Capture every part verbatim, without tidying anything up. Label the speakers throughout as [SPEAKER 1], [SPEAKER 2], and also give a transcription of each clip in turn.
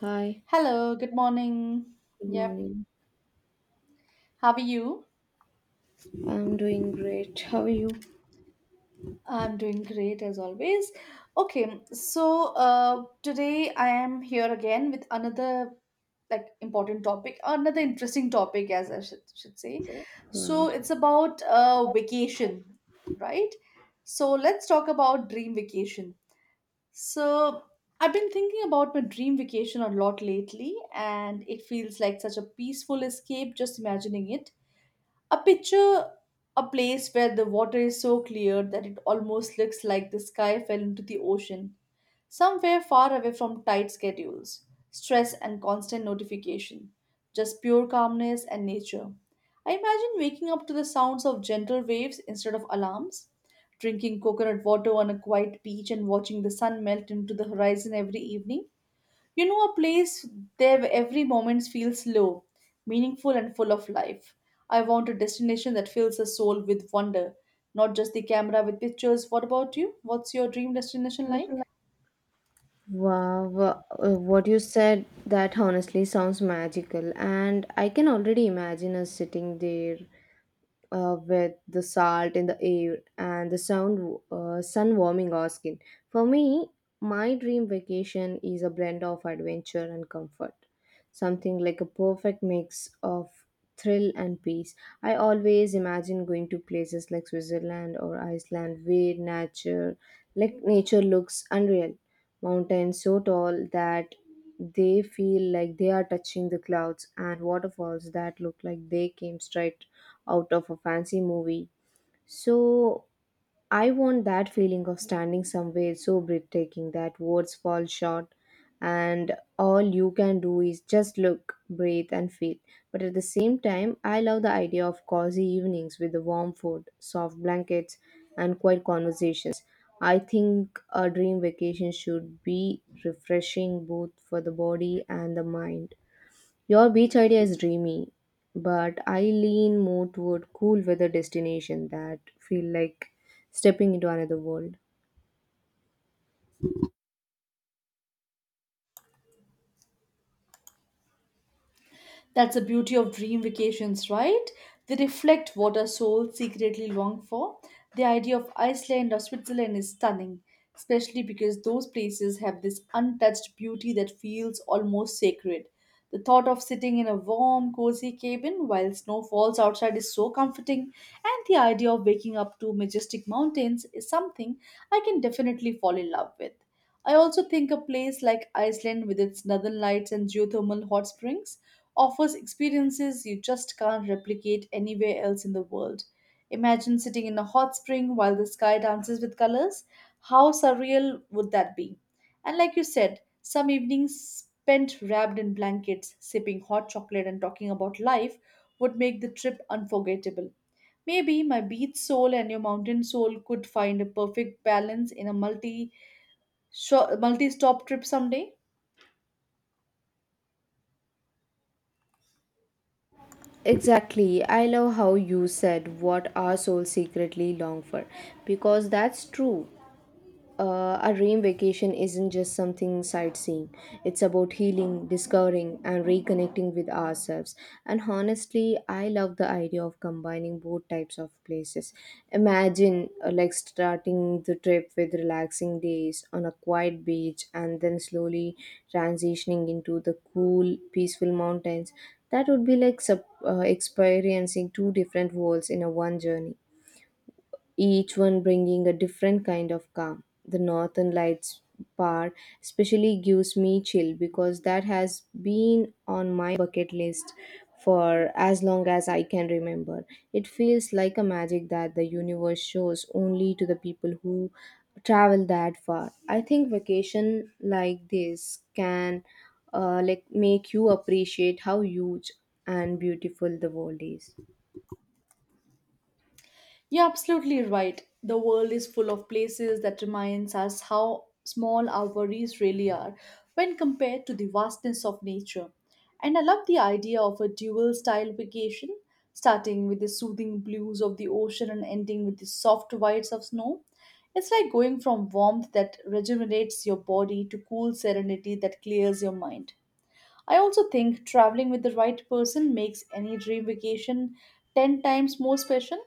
[SPEAKER 1] Hi,
[SPEAKER 2] Hello, good morning.
[SPEAKER 1] good
[SPEAKER 2] Yep.
[SPEAKER 1] morning.
[SPEAKER 2] How are you?
[SPEAKER 1] I'm doing great. How are you?
[SPEAKER 2] I'm doing great as always. Okay, so uh, today I am here again with another like important topic, another interesting topic, as I should, should say.
[SPEAKER 1] Say. Yeah.
[SPEAKER 2] So it's about uh, vacation, right? So let's talk about dream vacation. So I've been thinking about my dream vacation a lot lately, and it feels like such a peaceful escape just imagining it. A picture, a place where the water is so clear that it almost looks like the sky fell into the ocean, somewhere far away from tight schedules, stress, and constant notification, just pure calmness and nature. I imagine waking up to the sounds of gentle waves instead of alarms, drinking coconut water on a quiet beach and watching the sun melt into the horizon every evening. You know, a place there where every moment feels slow, meaningful, and full of life. I want a destination that fills the soul with wonder, not just the camera with pictures. What about you? What's your dream destination like?
[SPEAKER 1] Wow, uh, what you said that honestly sounds magical, and I can already imagine us sitting there uh, with the salt in the air and the sound uh, sun warming our skin. For me, my dream vacation is a blend of adventure and comfort, something like a perfect mix of thrill and peace. I always imagine going to places like Switzerland or Iceland where nature, like nature, looks unreal. Mountains so tall that they feel like they are touching the clouds and waterfalls that look like they came straight out of a fancy movie. So I want that feeling of standing somewhere so breathtaking that words fall short, and all you can do is just look, breathe, and feel. But at the same time, I love the idea of cozy evenings with the warm food, soft blankets, and quiet conversations. I think a dream vacation should be refreshing both for the body and the mind. Your beach idea is dreamy, but I lean more toward cool weather destination that feel like stepping into another world.
[SPEAKER 2] That's the beauty of dream vacations, right? They reflect what our souls secretly long for. The idea of Iceland or Switzerland is stunning, especially because those places have this untouched beauty that feels almost sacred. The thought of sitting in a warm, cozy cabin while snow falls outside is so comforting, and the idea of waking up to majestic mountains is something I can definitely fall in love with. I also think a place like Iceland with its northern lights and geothermal hot springs offers experiences you just can't replicate anywhere else in the world. Imagine sitting in a hot spring while the sky dances with colors. How surreal would that be? And like you said, some evenings spent wrapped in blankets, sipping hot chocolate, and talking about life would make the trip unforgettable. Maybe my beach soul and your mountain soul could find a perfect balance in a multi multi stop trip someday.
[SPEAKER 1] Exactly. I love how you said what our souls secretly long for, because that's true. Uh, a dream vacation isn't just something sightseeing. It's about healing, discovering, and reconnecting with ourselves. And honestly, I love the idea of combining both types of places. Imagine uh, like starting the trip with relaxing days on a quiet beach and then slowly transitioning into the cool, peaceful mountains. That would be like sub, uh, experiencing two different worlds in a one journey, each one bringing a different kind of calm. The northern lights part especially gives me chill, because that has been on my bucket list for as long as I can remember. It feels like a magic that the universe shows only to the people who travel that far. I think vacation like this can uh, like make you appreciate how huge and beautiful the world is.
[SPEAKER 2] You're absolutely right. The world is full of places that reminds us how small our worries really are when compared to the vastness of nature. And I love the idea of a dual style vacation, starting with the soothing blues of the ocean and ending with the soft whites of snow. It's like going from warmth that rejuvenates your body to cool serenity that clears your mind. I also think traveling with the right person makes any dream vacation ten times more special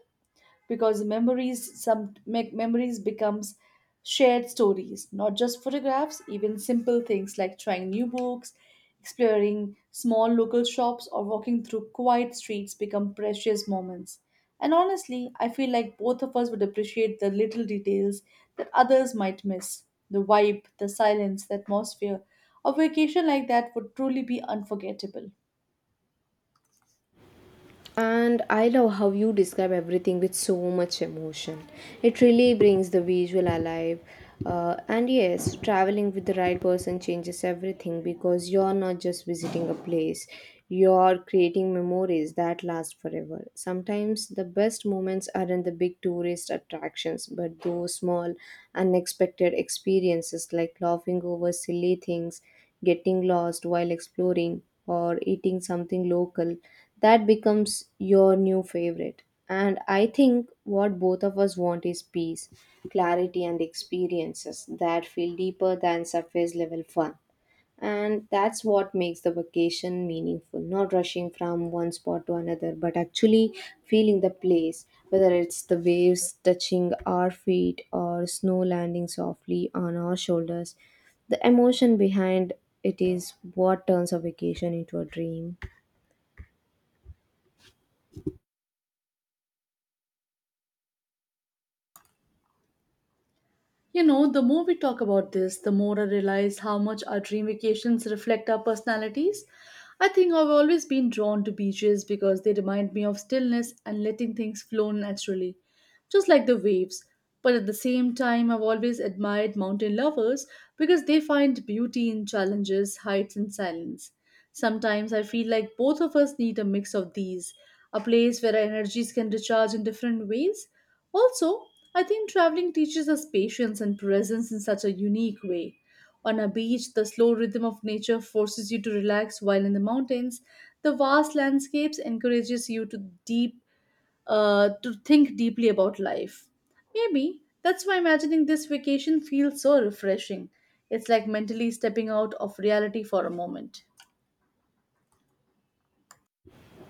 [SPEAKER 2] because memories some make memories becomes shared stories, not just photographs, even simple things like trying new books, exploring small local shops or walking through quiet streets become precious moments. And honestly, I feel like both of us would appreciate the little details that others might miss. The vibe, the silence, the atmosphere. A vacation like that would truly be unforgettable.
[SPEAKER 1] And I love how you describe everything with so much emotion. It really brings the visual alive. Uh, and yes, traveling with the right person changes everything, because you're not just visiting a place, you're creating memories that last forever. Sometimes the best moments aren't the big tourist attractions, but those small, unexpected experiences like laughing over silly things, getting lost while exploring, or eating something local that becomes your new favorite. And I think what both of us want is peace, clarity, and experiences that feel deeper than surface level fun. And that's what makes the vacation meaningful, not rushing from one spot to another, but actually feeling the place, whether it's the waves touching our feet or snow landing softly on our shoulders. The emotion behind it is what turns a vacation into a dream.
[SPEAKER 2] You know, the more we talk about this, the more I realize how much our dream vacations reflect our personalities. I think I've always been drawn to beaches because they remind me of stillness and letting things flow naturally, just like the waves. But at the same time, I've always admired mountain lovers because they find beauty in challenges, heights, and silence. Sometimes I feel like both of us need a mix of these a place where our energies can recharge in different ways. Also, I think traveling teaches us patience and presence in such a unique way. On a beach, the slow rhythm of nature forces you to relax, while in the mountains, the vast landscapes encourages you to deep uh, to think deeply about life. Maybe that's why imagining this vacation feels so refreshing. It's like mentally stepping out of reality for a moment.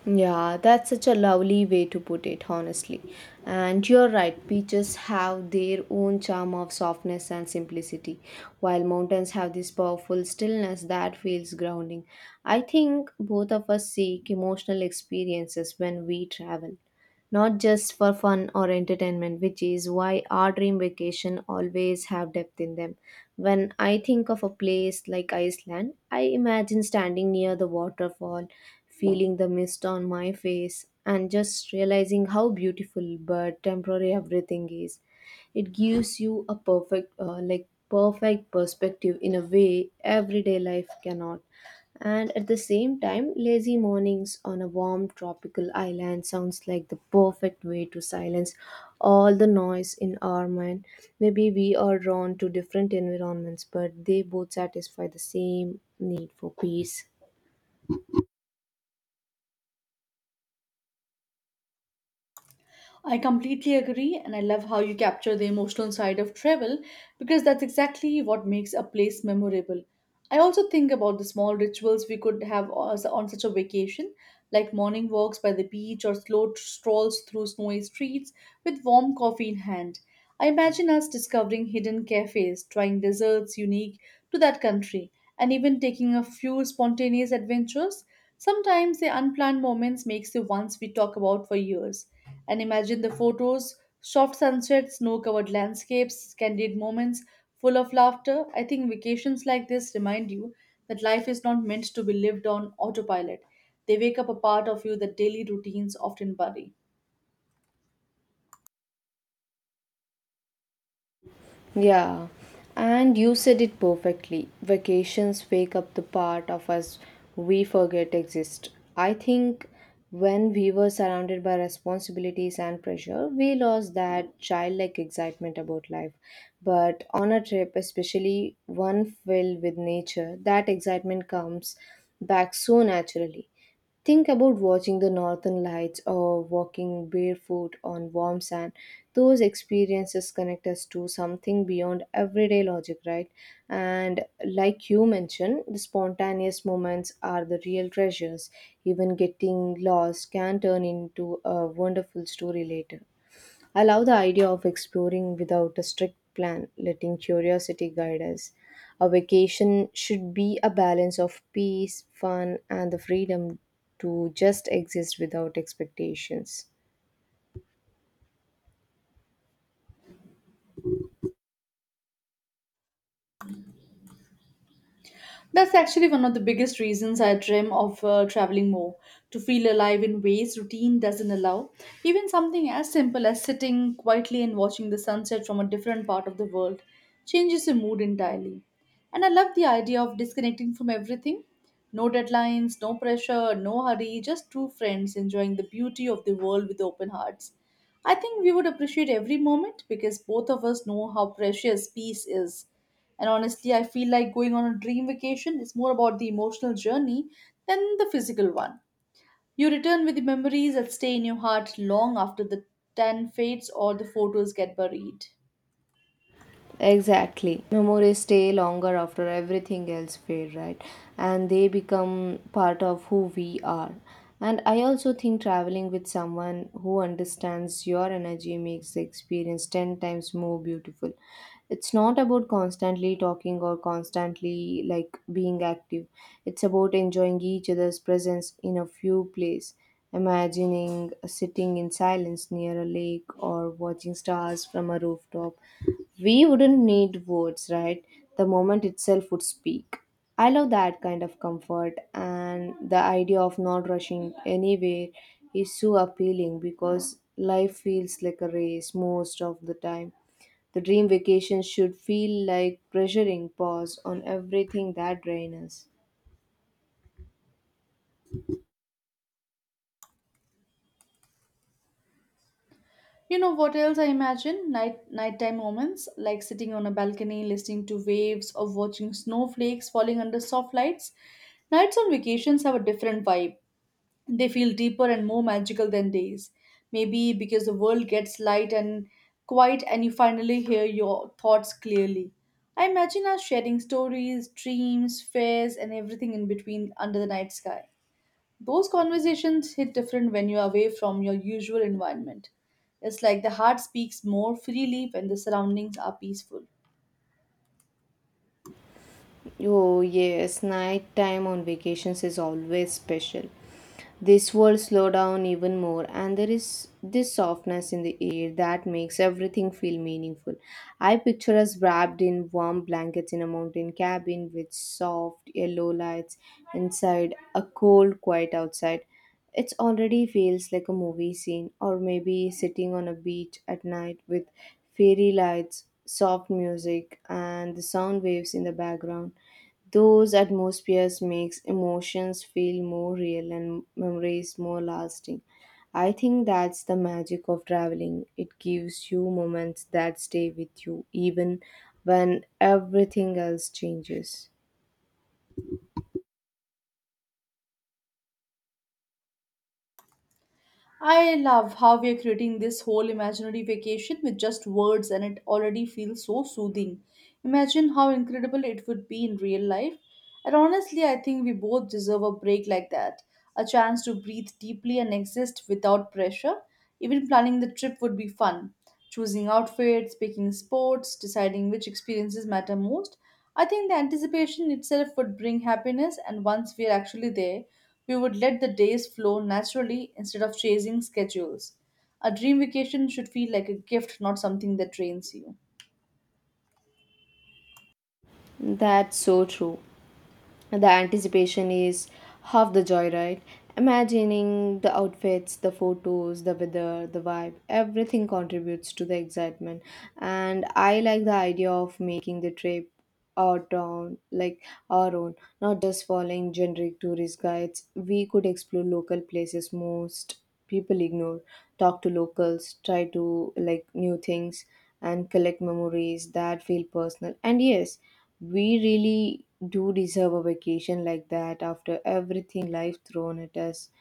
[SPEAKER 1] Yeah, that's such a lovely way to put it, honestly. And you're right, beaches have their own charm of softness and simplicity, while mountains have this powerful stillness that feels grounding. I think both of us seek emotional experiences when we travel, not just for fun or entertainment, which is why our dream vacation always have depth in them. When I think of a place like Iceland, I imagine standing near the waterfall, feeling the mist on my face, and just realizing how beautiful but temporary everything is. It gives you a perfect, uh, like, perfect perspective in a way everyday life cannot. And at the same time, lazy mornings on a warm tropical island sounds like the perfect way to silence all the noise in our mind. Maybe we are drawn to different environments, but they both satisfy the same need for peace.
[SPEAKER 2] I completely agree, and I love how you capture the emotional side of travel because that's exactly what makes a place memorable. I also think about the small rituals we could have as- on such a vacation, like morning walks by the beach or slow t- strolls through snowy streets with warm coffee in hand. I imagine us discovering hidden cafes, trying desserts unique to that country, and even taking a few spontaneous adventures. Sometimes the unplanned moments makes the ones we talk about for years. And imagine the photos, soft sunsets, snow-covered landscapes, candid moments full of laughter. I think vacations like this remind you that life is not meant to be lived on autopilot. They wake up a part of you that daily routines often bury.
[SPEAKER 1] Yeah, and you said it perfectly. Vacations wake up the part of us we forget exist. I think when we were surrounded by responsibilities and pressure, we lost that childlike excitement about life. But on a trip, especially one filled with nature, that excitement comes back so naturally. Think about watching the northern lights or walking barefoot on warm sand. Those experiences connect us to something beyond everyday logic, right? And like you mentioned, the spontaneous moments are the real treasures. Even getting lost can turn into a wonderful story later. I love the idea of exploring without a strict plan, letting curiosity guide us. A vacation should be a balance of peace, fun, and the freedom to just exist without expectations.
[SPEAKER 2] That's actually one of the biggest reasons I dream of uh, traveling more to feel alive in ways routine doesn't allow. Even something as simple as sitting quietly and watching the sunset from a different part of the world changes your mood entirely. And I love the idea of disconnecting from everything no deadlines, no pressure, no hurry, just two friends enjoying the beauty of the world with open hearts. I think we would appreciate every moment because both of us know how precious peace is and honestly, I feel like going on a dream vacation is more about the emotional journey than the physical one. You return with the memories that stay in your heart long after the tan fades or the photos get buried.
[SPEAKER 1] Exactly. Memories stay longer after everything else fade, right? And they become part of who we are. And I also think traveling with someone who understands your energy makes the experience ten times more beautiful. It's not about constantly talking or constantly like being active. It's about enjoying each other's presence in a few place, imagining sitting in silence near a lake or watching stars from a rooftop. We wouldn't need words, right? The moment itself would speak. I love that kind of comfort, and the idea of not rushing anywhere is so appealing because life feels like a race most of the time. The dream vacation should feel like pressuring pause on everything that drains us.
[SPEAKER 2] You know what else I imagine? Night nighttime moments, like sitting on a balcony, listening to waves or watching snowflakes falling under soft lights. Nights on vacations have a different vibe. They feel deeper and more magical than days. Maybe because the world gets light and quiet and you finally hear your thoughts clearly. I imagine us sharing stories, dreams, fears, and everything in between under the night sky. Those conversations hit different when you're away from your usual environment. It's like the heart speaks more freely when the surroundings are peaceful.
[SPEAKER 1] Oh, yes, night time on vacations is always special. This world slow down even more, and there is this softness in the air that makes everything feel meaningful. I picture us wrapped in warm blankets in a mountain cabin with soft yellow lights inside, a cold quiet outside. It already feels like a movie scene, or maybe sitting on a beach at night with fairy lights, soft music, and the sound waves in the background. Those atmospheres makes emotions feel more real and memories more lasting. I think that's the magic of traveling. It gives you moments that stay with you even when everything else changes.
[SPEAKER 2] I love how we are creating this whole imaginary vacation with just words, and it already feels so soothing. Imagine how incredible it would be in real life. And honestly, I think we both deserve a break like that a chance to breathe deeply and exist without pressure. Even planning the trip would be fun. Choosing outfits, picking sports, deciding which experiences matter most. I think the anticipation itself would bring happiness, and once we are actually there, we would let the days flow naturally instead of chasing schedules. A dream vacation should feel like a gift, not something that drains you.
[SPEAKER 1] That's so true. The anticipation is half the joy, right? Imagining the outfits, the photos, the weather, the vibe, everything contributes to the excitement. And I like the idea of making the trip our town, like our own, not just following generic tourist guides. We could explore local places most people ignore, talk to locals, try to like new things, and collect memories that feel personal. And yes, we really do deserve a vacation like that after everything life thrown at us,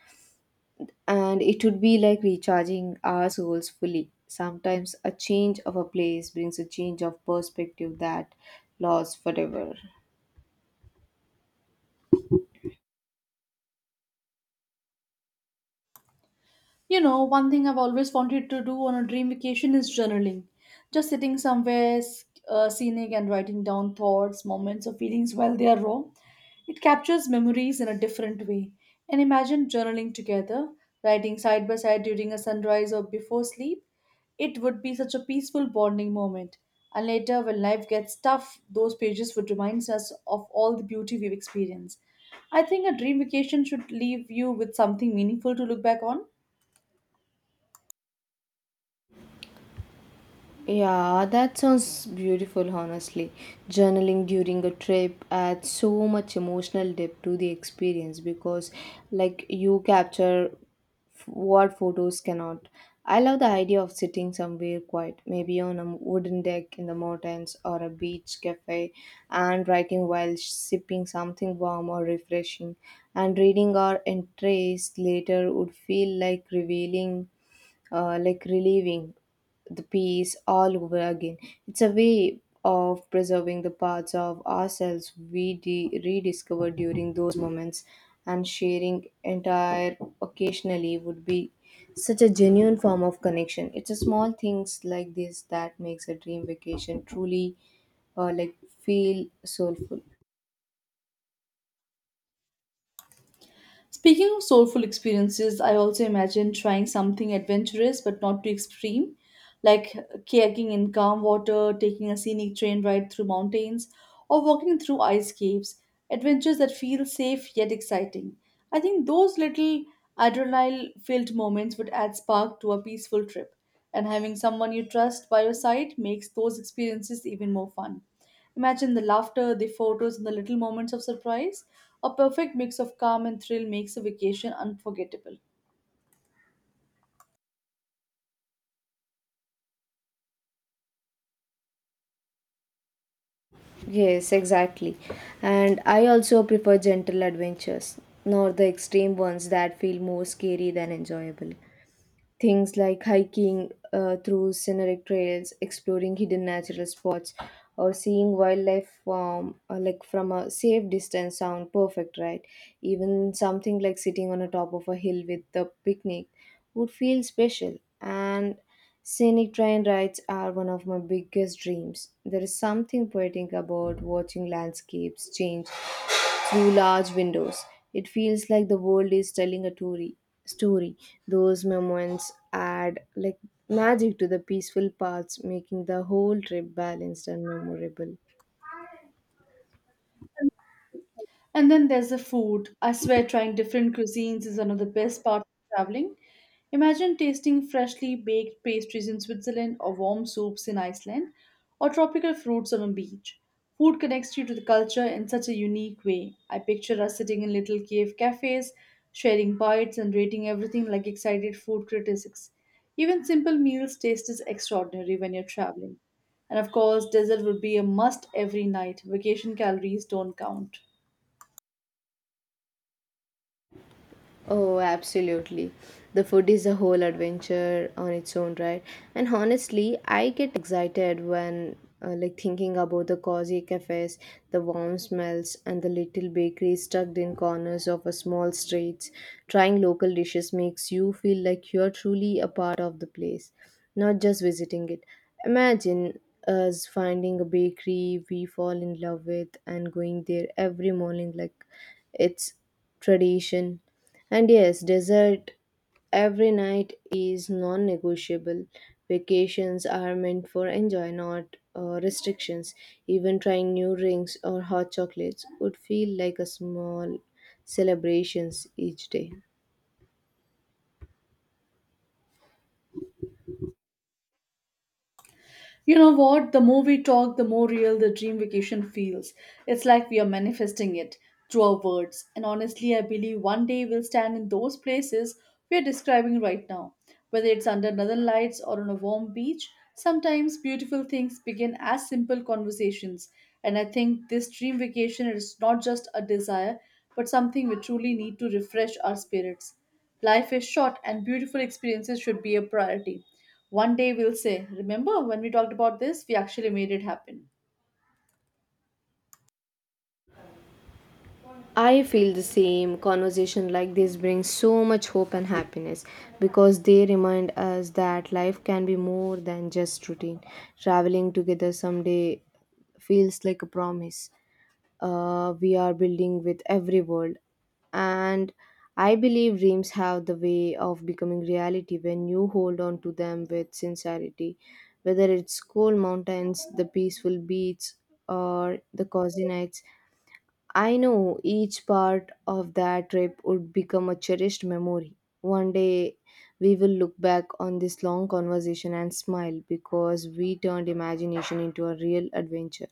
[SPEAKER 1] and it would be like recharging our souls fully. Sometimes a change of a place brings a change of perspective that lasts forever.
[SPEAKER 2] You know, one thing I've always wanted to do on a dream vacation is journaling. Just sitting somewhere s- uh, scenic and writing down thoughts, moments, or feelings while they are raw. It captures memories in a different way. And imagine journaling together, writing side by side during a sunrise or before sleep. It would be such a peaceful bonding moment. And later, when life gets tough, those pages would remind us of all the beauty we've experienced. I think a dream vacation should leave you with something meaningful to look back on.
[SPEAKER 1] Yeah, that sounds beautiful, honestly. Journaling during a trip adds so much emotional depth to the experience because, like, you capture f- what photos cannot. I love the idea of sitting somewhere quiet, maybe on a wooden deck in the mountains or a beach cafe, and writing while sipping something warm or refreshing. And reading our entries later would feel like revealing uh, like relieving the piece all over again. It's a way of preserving the parts of ourselves we de- rediscover during those moments, and sharing entire occasionally would be such a genuine form of connection. It's a small things like this that makes a dream vacation truly uh, like feel soulful.
[SPEAKER 2] Speaking of soulful experiences, I also imagine trying something adventurous but not too extreme, like kayaking in calm water, taking a scenic train ride through mountains, or walking through ice caves, adventures that feel safe yet exciting. I think those little adrenaline filled moments would add spark to a peaceful trip, and having someone you trust by your side makes those experiences even more fun. Imagine the laughter, the photos, and the little moments of surprise. A perfect mix of calm and thrill makes a vacation unforgettable.
[SPEAKER 1] Yes, exactly. And I also prefer gentle adventures, not the extreme ones that feel more scary than enjoyable. Things like hiking uh, through scenic trails, exploring hidden natural spots, or seeing wildlife from uh, like from a safe distance sound perfect, right? Even something like sitting on the top of a hill with a picnic would feel special. And scenic train rides are one of my biggest dreams. There is something poetic about watching landscapes change through large windows. It feels like the world is telling a story. Story. Those moments add like magic to the peaceful parts, making the whole trip balanced and memorable.
[SPEAKER 2] And then there's the food. I swear, trying different cuisines is one of the best parts of traveling. Imagine tasting freshly baked pastries in Switzerland or warm soups in Iceland or tropical fruits on a beach. Food connects you to the culture in such a unique way. I picture us sitting in little cave cafes, sharing bites and rating everything like excited food critics. Even simple meals taste is extraordinary when you're traveling. And of course, dessert would be a must every night. Vacation calories don't count.
[SPEAKER 1] Oh, absolutely. The food is a whole adventure on its own, right? And honestly, I get excited when uh, like thinking about the cozy cafes, the warm smells, and the little bakeries tucked in corners of a small streets. Trying local dishes makes you feel like you're truly a part of the place, not just visiting it. Imagine us finding a bakery we fall in love with and going there every morning like it's tradition. And yes, dessert every night is non negotiable. Vacations are meant for enjoy, not uh, restrictions. Even trying new drinks or hot chocolates would feel like a small celebrations each day.
[SPEAKER 2] You know what? The more we talk, the more real the dream vacation feels. It's like we are manifesting it through our words. And honestly, I believe one day we'll stand in those places we are describing right now. Whether it's under northern lights or on a warm beach, sometimes beautiful things begin as simple conversations. And I think this dream vacation is not just a desire, but something we truly need to refresh our spirits. Life is short, and beautiful experiences should be a priority. One day we'll say, Remember when we talked about this? We actually made it happen.
[SPEAKER 1] I feel the same. Conversation like this brings so much hope and happiness because they remind us that life can be more than just routine. Traveling together someday feels like a promise uh, we are building with every world. And I believe dreams have the way of becoming reality when you hold on to them with sincerity, whether it's cold mountains, the peaceful beach, or the cozy nights. I know each part of that trip would become a cherished memory. One day we will look back on this long conversation and smile because we turned imagination into a real adventure.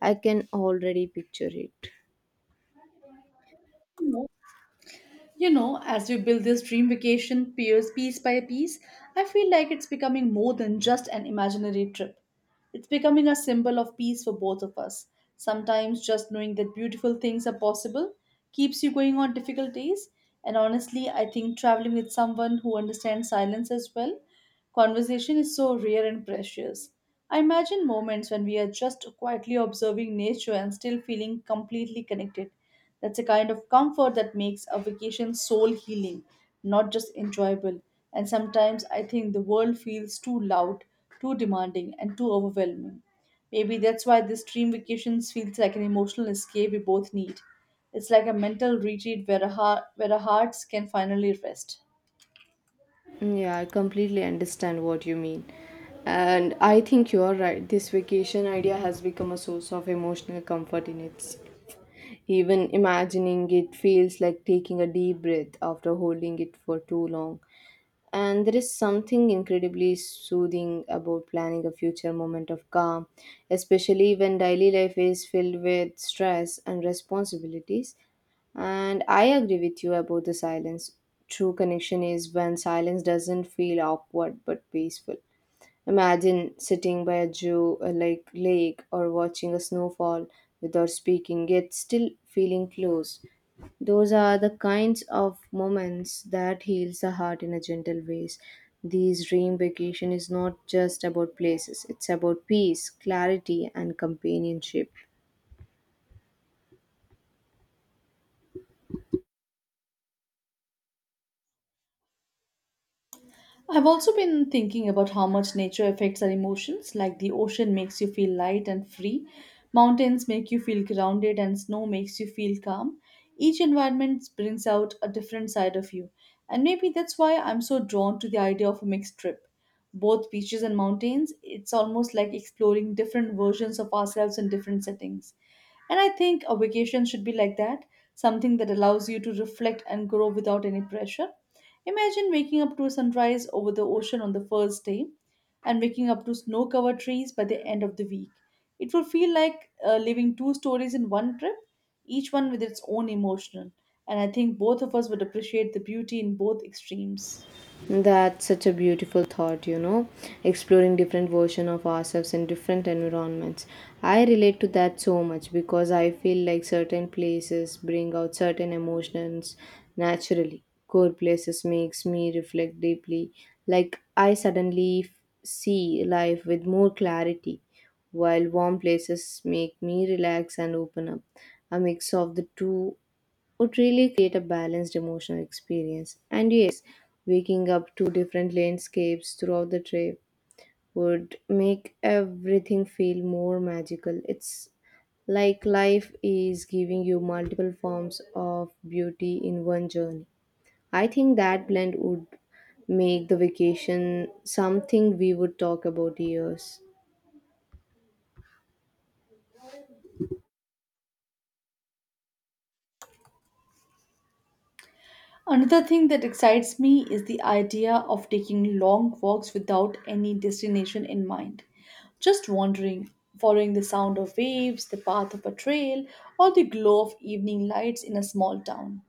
[SPEAKER 1] I can already picture it.
[SPEAKER 2] You know, as we build this dream vacation piece, piece by piece, I feel like it's becoming more than just an imaginary trip. It's becoming a symbol of peace for both of us. Sometimes just knowing that beautiful things are possible keeps you going on difficult days. And honestly, I think traveling with someone who understands silence as well, conversation is so rare and precious. I imagine moments when we are just quietly observing nature and still feeling completely connected. That's a kind of comfort that makes a vacation soul healing, not just enjoyable. And sometimes I think the world feels too loud, too demanding, and too overwhelming. Maybe that's why this dream vacations feels like an emotional escape we both need. It's like a mental retreat where, a heart, where our hearts can finally rest.
[SPEAKER 1] Yeah, I completely understand what you mean. And I think you're right. This vacation idea has become a source of emotional comfort in itself. Even imagining it feels like taking a deep breath after holding it for too long. And there is something incredibly soothing about planning a future moment of calm, especially when daily life is filled with stress and responsibilities. And I agree with you about the silence. True connection is when silence doesn't feel awkward but peaceful. Imagine sitting by a Jew, a lake, lake or watching a snowfall without speaking, yet still feeling close. Those are the kinds of moments that heals the heart in a gentle ways. These dream vacation is not just about places; it's about peace, clarity, and companionship.
[SPEAKER 2] I've also been thinking about how much nature affects our emotions, like the ocean makes you feel light and free, mountains make you feel grounded, and snow makes you feel calm. Each environment brings out a different side of you, and maybe that's why I'm so drawn to the idea of a mixed trip, both beaches and mountains. It's almost like exploring different versions of ourselves in different settings. And I think a vacation should be like that, something that allows you to reflect and grow without any pressure. Imagine waking up to a sunrise over the ocean on the first day and waking up to snow covered trees by the end of the week. It will feel like uh, living two stories in one trip, each one with its own emotional. And I think both of us would appreciate the beauty in both extremes.
[SPEAKER 1] That's such a beautiful thought, you know, exploring different version of ourselves in different environments. I relate to that so much because I feel like certain places bring out certain emotions naturally. Cold places makes me reflect deeply, like I suddenly f- see life with more clarity, while warm places make me relax and open up. A mix of the two would really create a balanced emotional experience. And yes, waking up to different landscapes throughout the trip would make everything feel more magical. It's like life is giving you multiple forms of beauty in one journey. I think that blend would make the vacation something we would talk about years.
[SPEAKER 2] Another thing that excites me is the idea of taking long walks without any destination in mind. Just wandering, following the sound of waves, the path of a trail, or the glow of evening lights in a small town.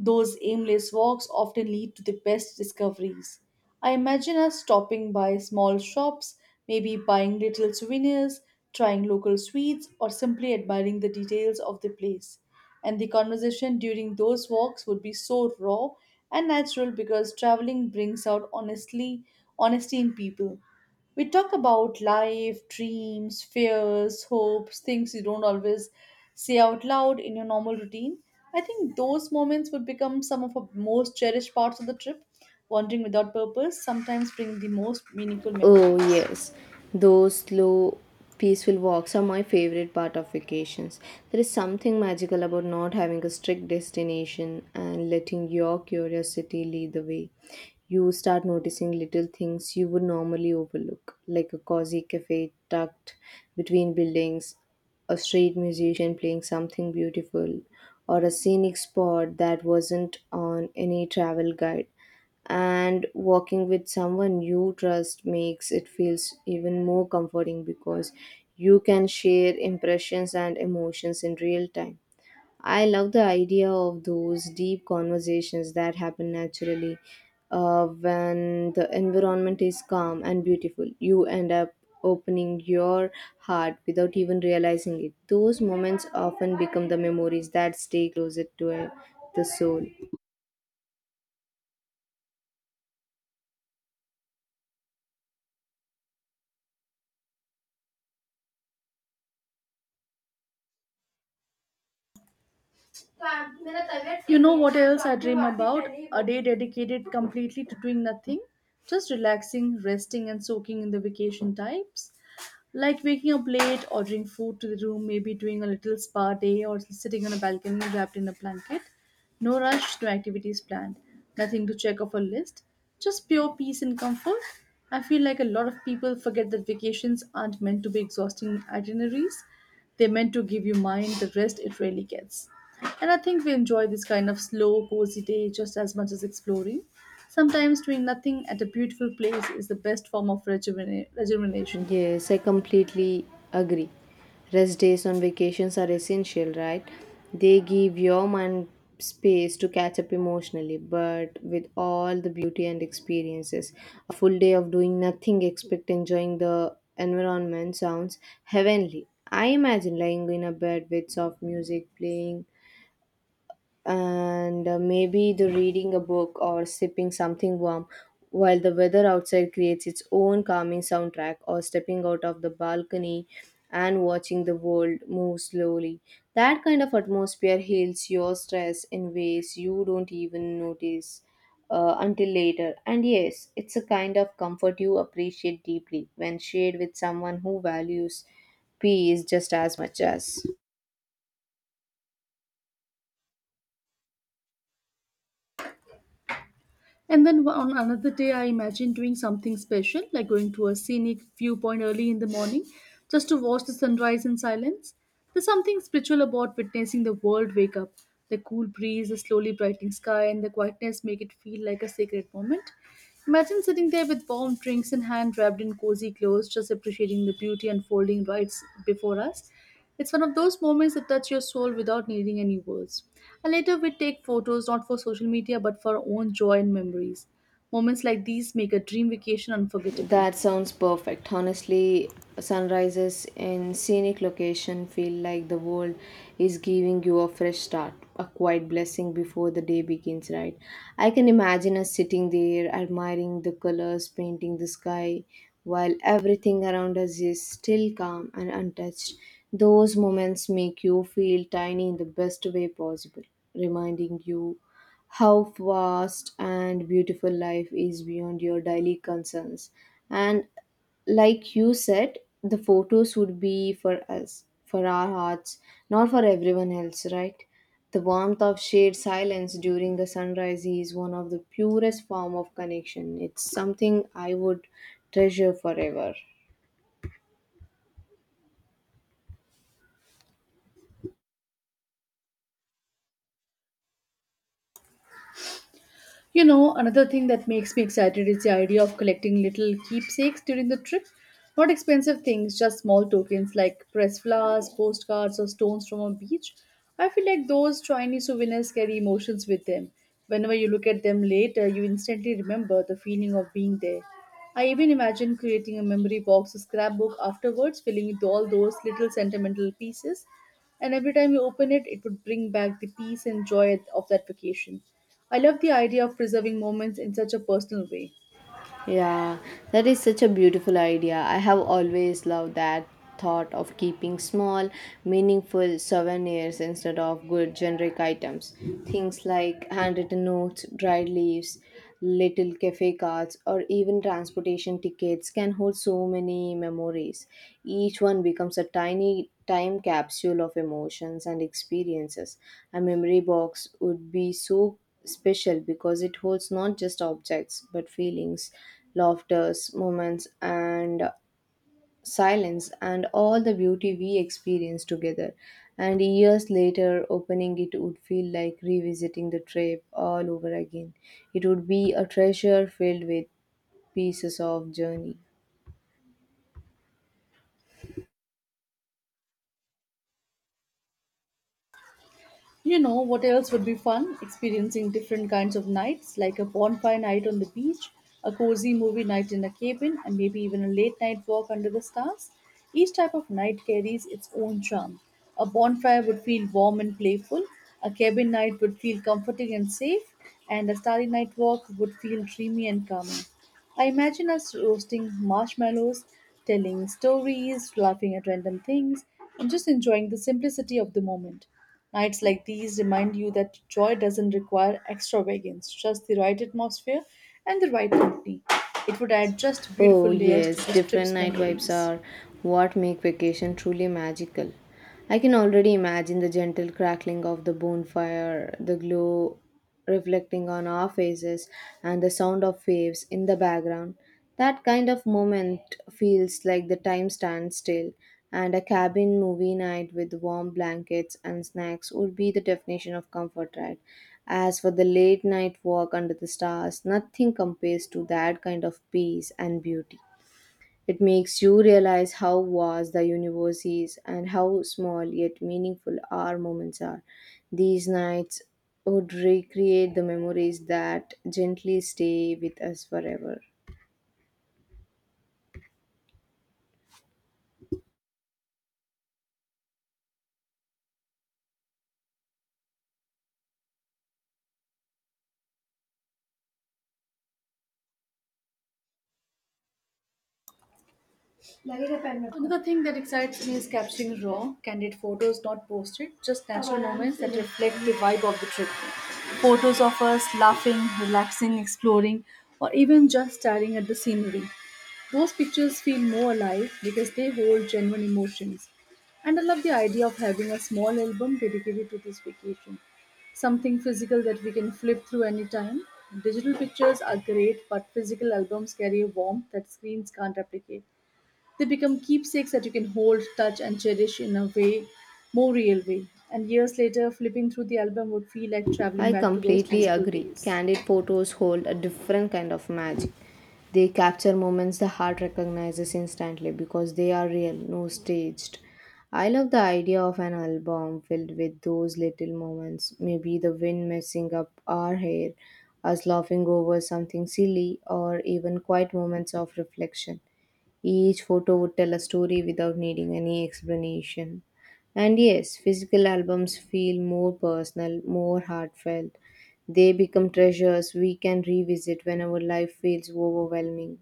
[SPEAKER 2] Those aimless walks often lead to the best discoveries. I imagine us stopping by small shops, maybe buying little souvenirs, trying local sweets, or simply admiring the details of the place. And the conversation during those walks would be so raw and natural because traveling brings out honestly honesty in people. We talk about life, dreams, fears, hopes, things you don't always say out loud in your normal routine. I think those moments would become some of our most cherished parts of the trip. Wandering without purpose sometimes bring the most meaningful
[SPEAKER 1] Oh,
[SPEAKER 2] memories.
[SPEAKER 1] yes. Those slow, peaceful walks are my favorite part of vacations. There is something magical about not having a strict destination and letting your curiosity lead the way. You start noticing little things you would normally overlook, like a cozy cafe tucked between buildings, a street musician playing something beautiful, or a scenic spot that wasn't on any travel guide. And working with someone you trust makes it feels even more comforting because you can share impressions and emotions in real time. I love the idea of those deep conversations that happen naturally uh, when the environment is calm and beautiful. You end up opening your heart without even realizing it. Those moments often become the memories that stay closer to uh, the soul.
[SPEAKER 2] You know what else I dream about? A day dedicated completely to doing nothing, just relaxing, resting, and soaking in the vacation types. Like waking up late, ordering food to the room, maybe doing a little spa day, or sitting on a balcony wrapped in a blanket. No rush, no activities planned, nothing to check off a list, just pure peace and comfort. I feel like a lot of people forget that vacations aren't meant to be exhausting itineraries, they're meant to give your mind the rest it really gets. And I think we enjoy this kind of slow, cozy day just as much as exploring. Sometimes doing nothing at a beautiful place is the best form of rejuven- rejuvenation.
[SPEAKER 1] Yes, I completely agree. Rest days on vacations are essential, right? They give your mind space to catch up emotionally, but with all the beauty and experiences. A full day of doing nothing except enjoying the environment sounds heavenly. I imagine lying in a bed with soft music playing and uh, maybe the reading a book or sipping something warm while the weather outside creates its own calming soundtrack, or stepping out of the balcony and watching the world move slowly. That kind of atmosphere heals your stress in ways you don't even notice uh, until later. And yes, it's a kind of comfort you appreciate deeply when shared with someone who values peace just as much as.
[SPEAKER 2] And then on another day, I imagine doing something special, like going to a scenic viewpoint early in the morning just to watch the sunrise in silence. There's something spiritual about witnessing the world wake up. The cool breeze, the slowly brightening sky, and the quietness make it feel like a sacred moment. Imagine sitting there with warm drinks in hand, wrapped in cozy clothes, just appreciating the beauty unfolding right s- before us. It's one of those moments that touch your soul without needing any words. And later we take photos not for social media but for our own joy and memories. Moments like these make a dream vacation unforgettable.
[SPEAKER 1] That sounds perfect. Honestly, sunrises in scenic location feel like the world is giving you a fresh start, a quiet blessing before the day begins, right? I can imagine us sitting there admiring the colors painting the sky while everything around us is still calm and untouched. Those moments make you feel tiny in the best way possible, reminding you how vast and beautiful life is beyond your daily concerns. And like you said, the photos would be for us, for our hearts, not for everyone else, right? The warmth of shared silence during the sunrise is one of the purest form of connection. It's something I would treasure forever.
[SPEAKER 2] You know, another thing that makes me excited is the idea of collecting little keepsakes during the trip. Not expensive things, just small tokens like pressed flowers, postcards, or stones from a beach. I feel like those tiny souvenirs carry emotions with them. Whenever you look at them later, you instantly remember the feeling of being there. I even imagine creating a memory box or scrapbook afterwards, filling with all those little sentimental pieces. And every time you open it, it would bring back the peace and joy of that vacation. I love the idea of preserving moments in such a personal way.
[SPEAKER 1] Yeah, that is such a beautiful idea. I have always loved that thought of keeping small, meaningful souvenirs instead of good generic items. Things like handwritten notes, dried leaves, little cafe cards, or even transportation tickets can hold so many memories. Each one becomes a tiny time capsule of emotions and experiences. A memory box would be so special because it holds not just objects but feelings, laughters, moments, and silence, and all the beauty we experience together. And years later, opening it would feel like revisiting the trip all over again. It would be a treasure filled with pieces of journey.
[SPEAKER 2] You know what else would be fun? Experiencing different kinds of nights, like a bonfire night on the beach, a cozy movie night in a cabin, and maybe even a late night walk under the stars. Each type of night carries its own charm. A bonfire would feel warm and playful, a cabin night would feel comforting and safe, and a starry night walk would feel dreamy and calming. I imagine us roasting marshmallows, telling stories, laughing at random things, and just enjoying the simplicity of the moment. Nights like these remind you that joy doesn't require extravagance, just the right atmosphere and the right company. It would add just beautiful
[SPEAKER 1] Oh,
[SPEAKER 2] layers to
[SPEAKER 1] yes,
[SPEAKER 2] this
[SPEAKER 1] different
[SPEAKER 2] trip's
[SPEAKER 1] night vibes
[SPEAKER 2] memories.
[SPEAKER 1] are what make vacation truly magical. I can already imagine the gentle crackling of the bonfire, the glow reflecting on our faces, and the sound of waves in the background. That kind of moment feels like the time stands still. And a cabin movie night with warm blankets and snacks would be the definition of comfort, right? As for the late night walk under the stars, nothing compares to that kind of peace and beauty. It makes you realize how vast the universe is and how small yet meaningful our moments are. These nights would recreate the memories that gently stay with us forever.
[SPEAKER 2] Another thing that excites me is capturing raw, candid photos not posted, just natural moments that reflect the vibe of the trip. Photos of us laughing, relaxing, exploring, or even just staring at the scenery. Those pictures feel more alive because they hold genuine emotions. And I love the idea of having a small album dedicated to this vacation. Something physical that we can flip through anytime. Digital pictures are great, but physical albums carry a warmth that screens can't replicate. They become keepsakes that you can hold, touch, and cherish in a way, more real way. And years later, flipping through the album would feel like traveling
[SPEAKER 1] I
[SPEAKER 2] back to those
[SPEAKER 1] completely
[SPEAKER 2] peaceful
[SPEAKER 1] agree.
[SPEAKER 2] days.
[SPEAKER 1] Candid photos hold a different kind of magic. They capture moments the heart recognizes instantly because they are real, no staged. I love the idea of an album filled with those little moments, maybe the wind messing up our hair, us laughing over something silly, or even quiet moments of reflection. Each photo would tell a story without needing any explanation. And yes, physical albums feel more personal, more heartfelt. They become treasures we can revisit whenever life feels overwhelming.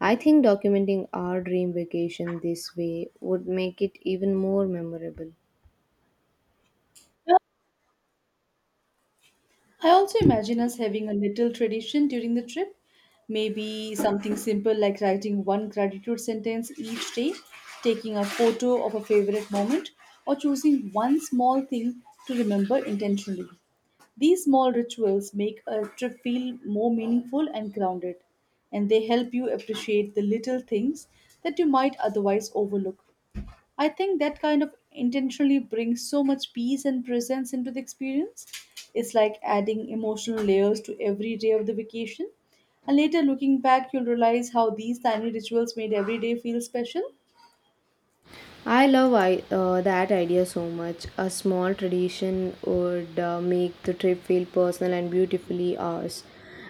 [SPEAKER 1] I think documenting our dream vacation this way would make it even more memorable.
[SPEAKER 2] I also imagine us having a little tradition during the trip. Maybe something simple like writing one gratitude sentence each day, taking a photo of a favorite moment, or choosing one small thing to remember intentionally. These small rituals make a trip feel more meaningful and grounded, and they help you appreciate the little things that you might otherwise overlook. I think that kind of intentionally brings so much peace and presence into the experience. It's like adding emotional layers to every day of the vacation. And later, looking back, you'll realize how these tiny rituals made every day feel special.
[SPEAKER 1] I love I, uh, that idea so much. A small tradition would uh, make the trip feel personal and beautifully ours.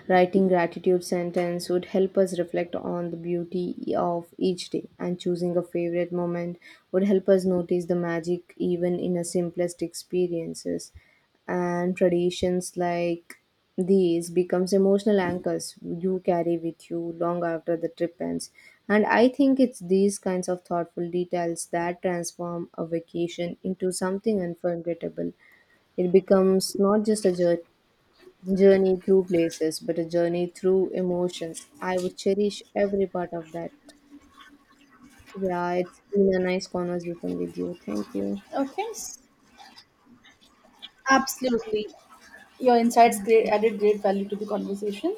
[SPEAKER 1] Writing gratitude sentence would help us reflect on the beauty of each day, and choosing a favorite moment would help us notice the magic even in the simplest experiences. And traditions like these becomes emotional anchors you carry with you long after the trip ends. And I think it's these kinds of thoughtful details that transform a vacation into something unforgettable. It becomes not just a jour- journey through places but a journey through emotions. I would cherish every part of that. Yeah, it's been a nice conversation with you. Thank you.
[SPEAKER 2] Okay, s- absolutely. Your insights great, added great value to the conversation.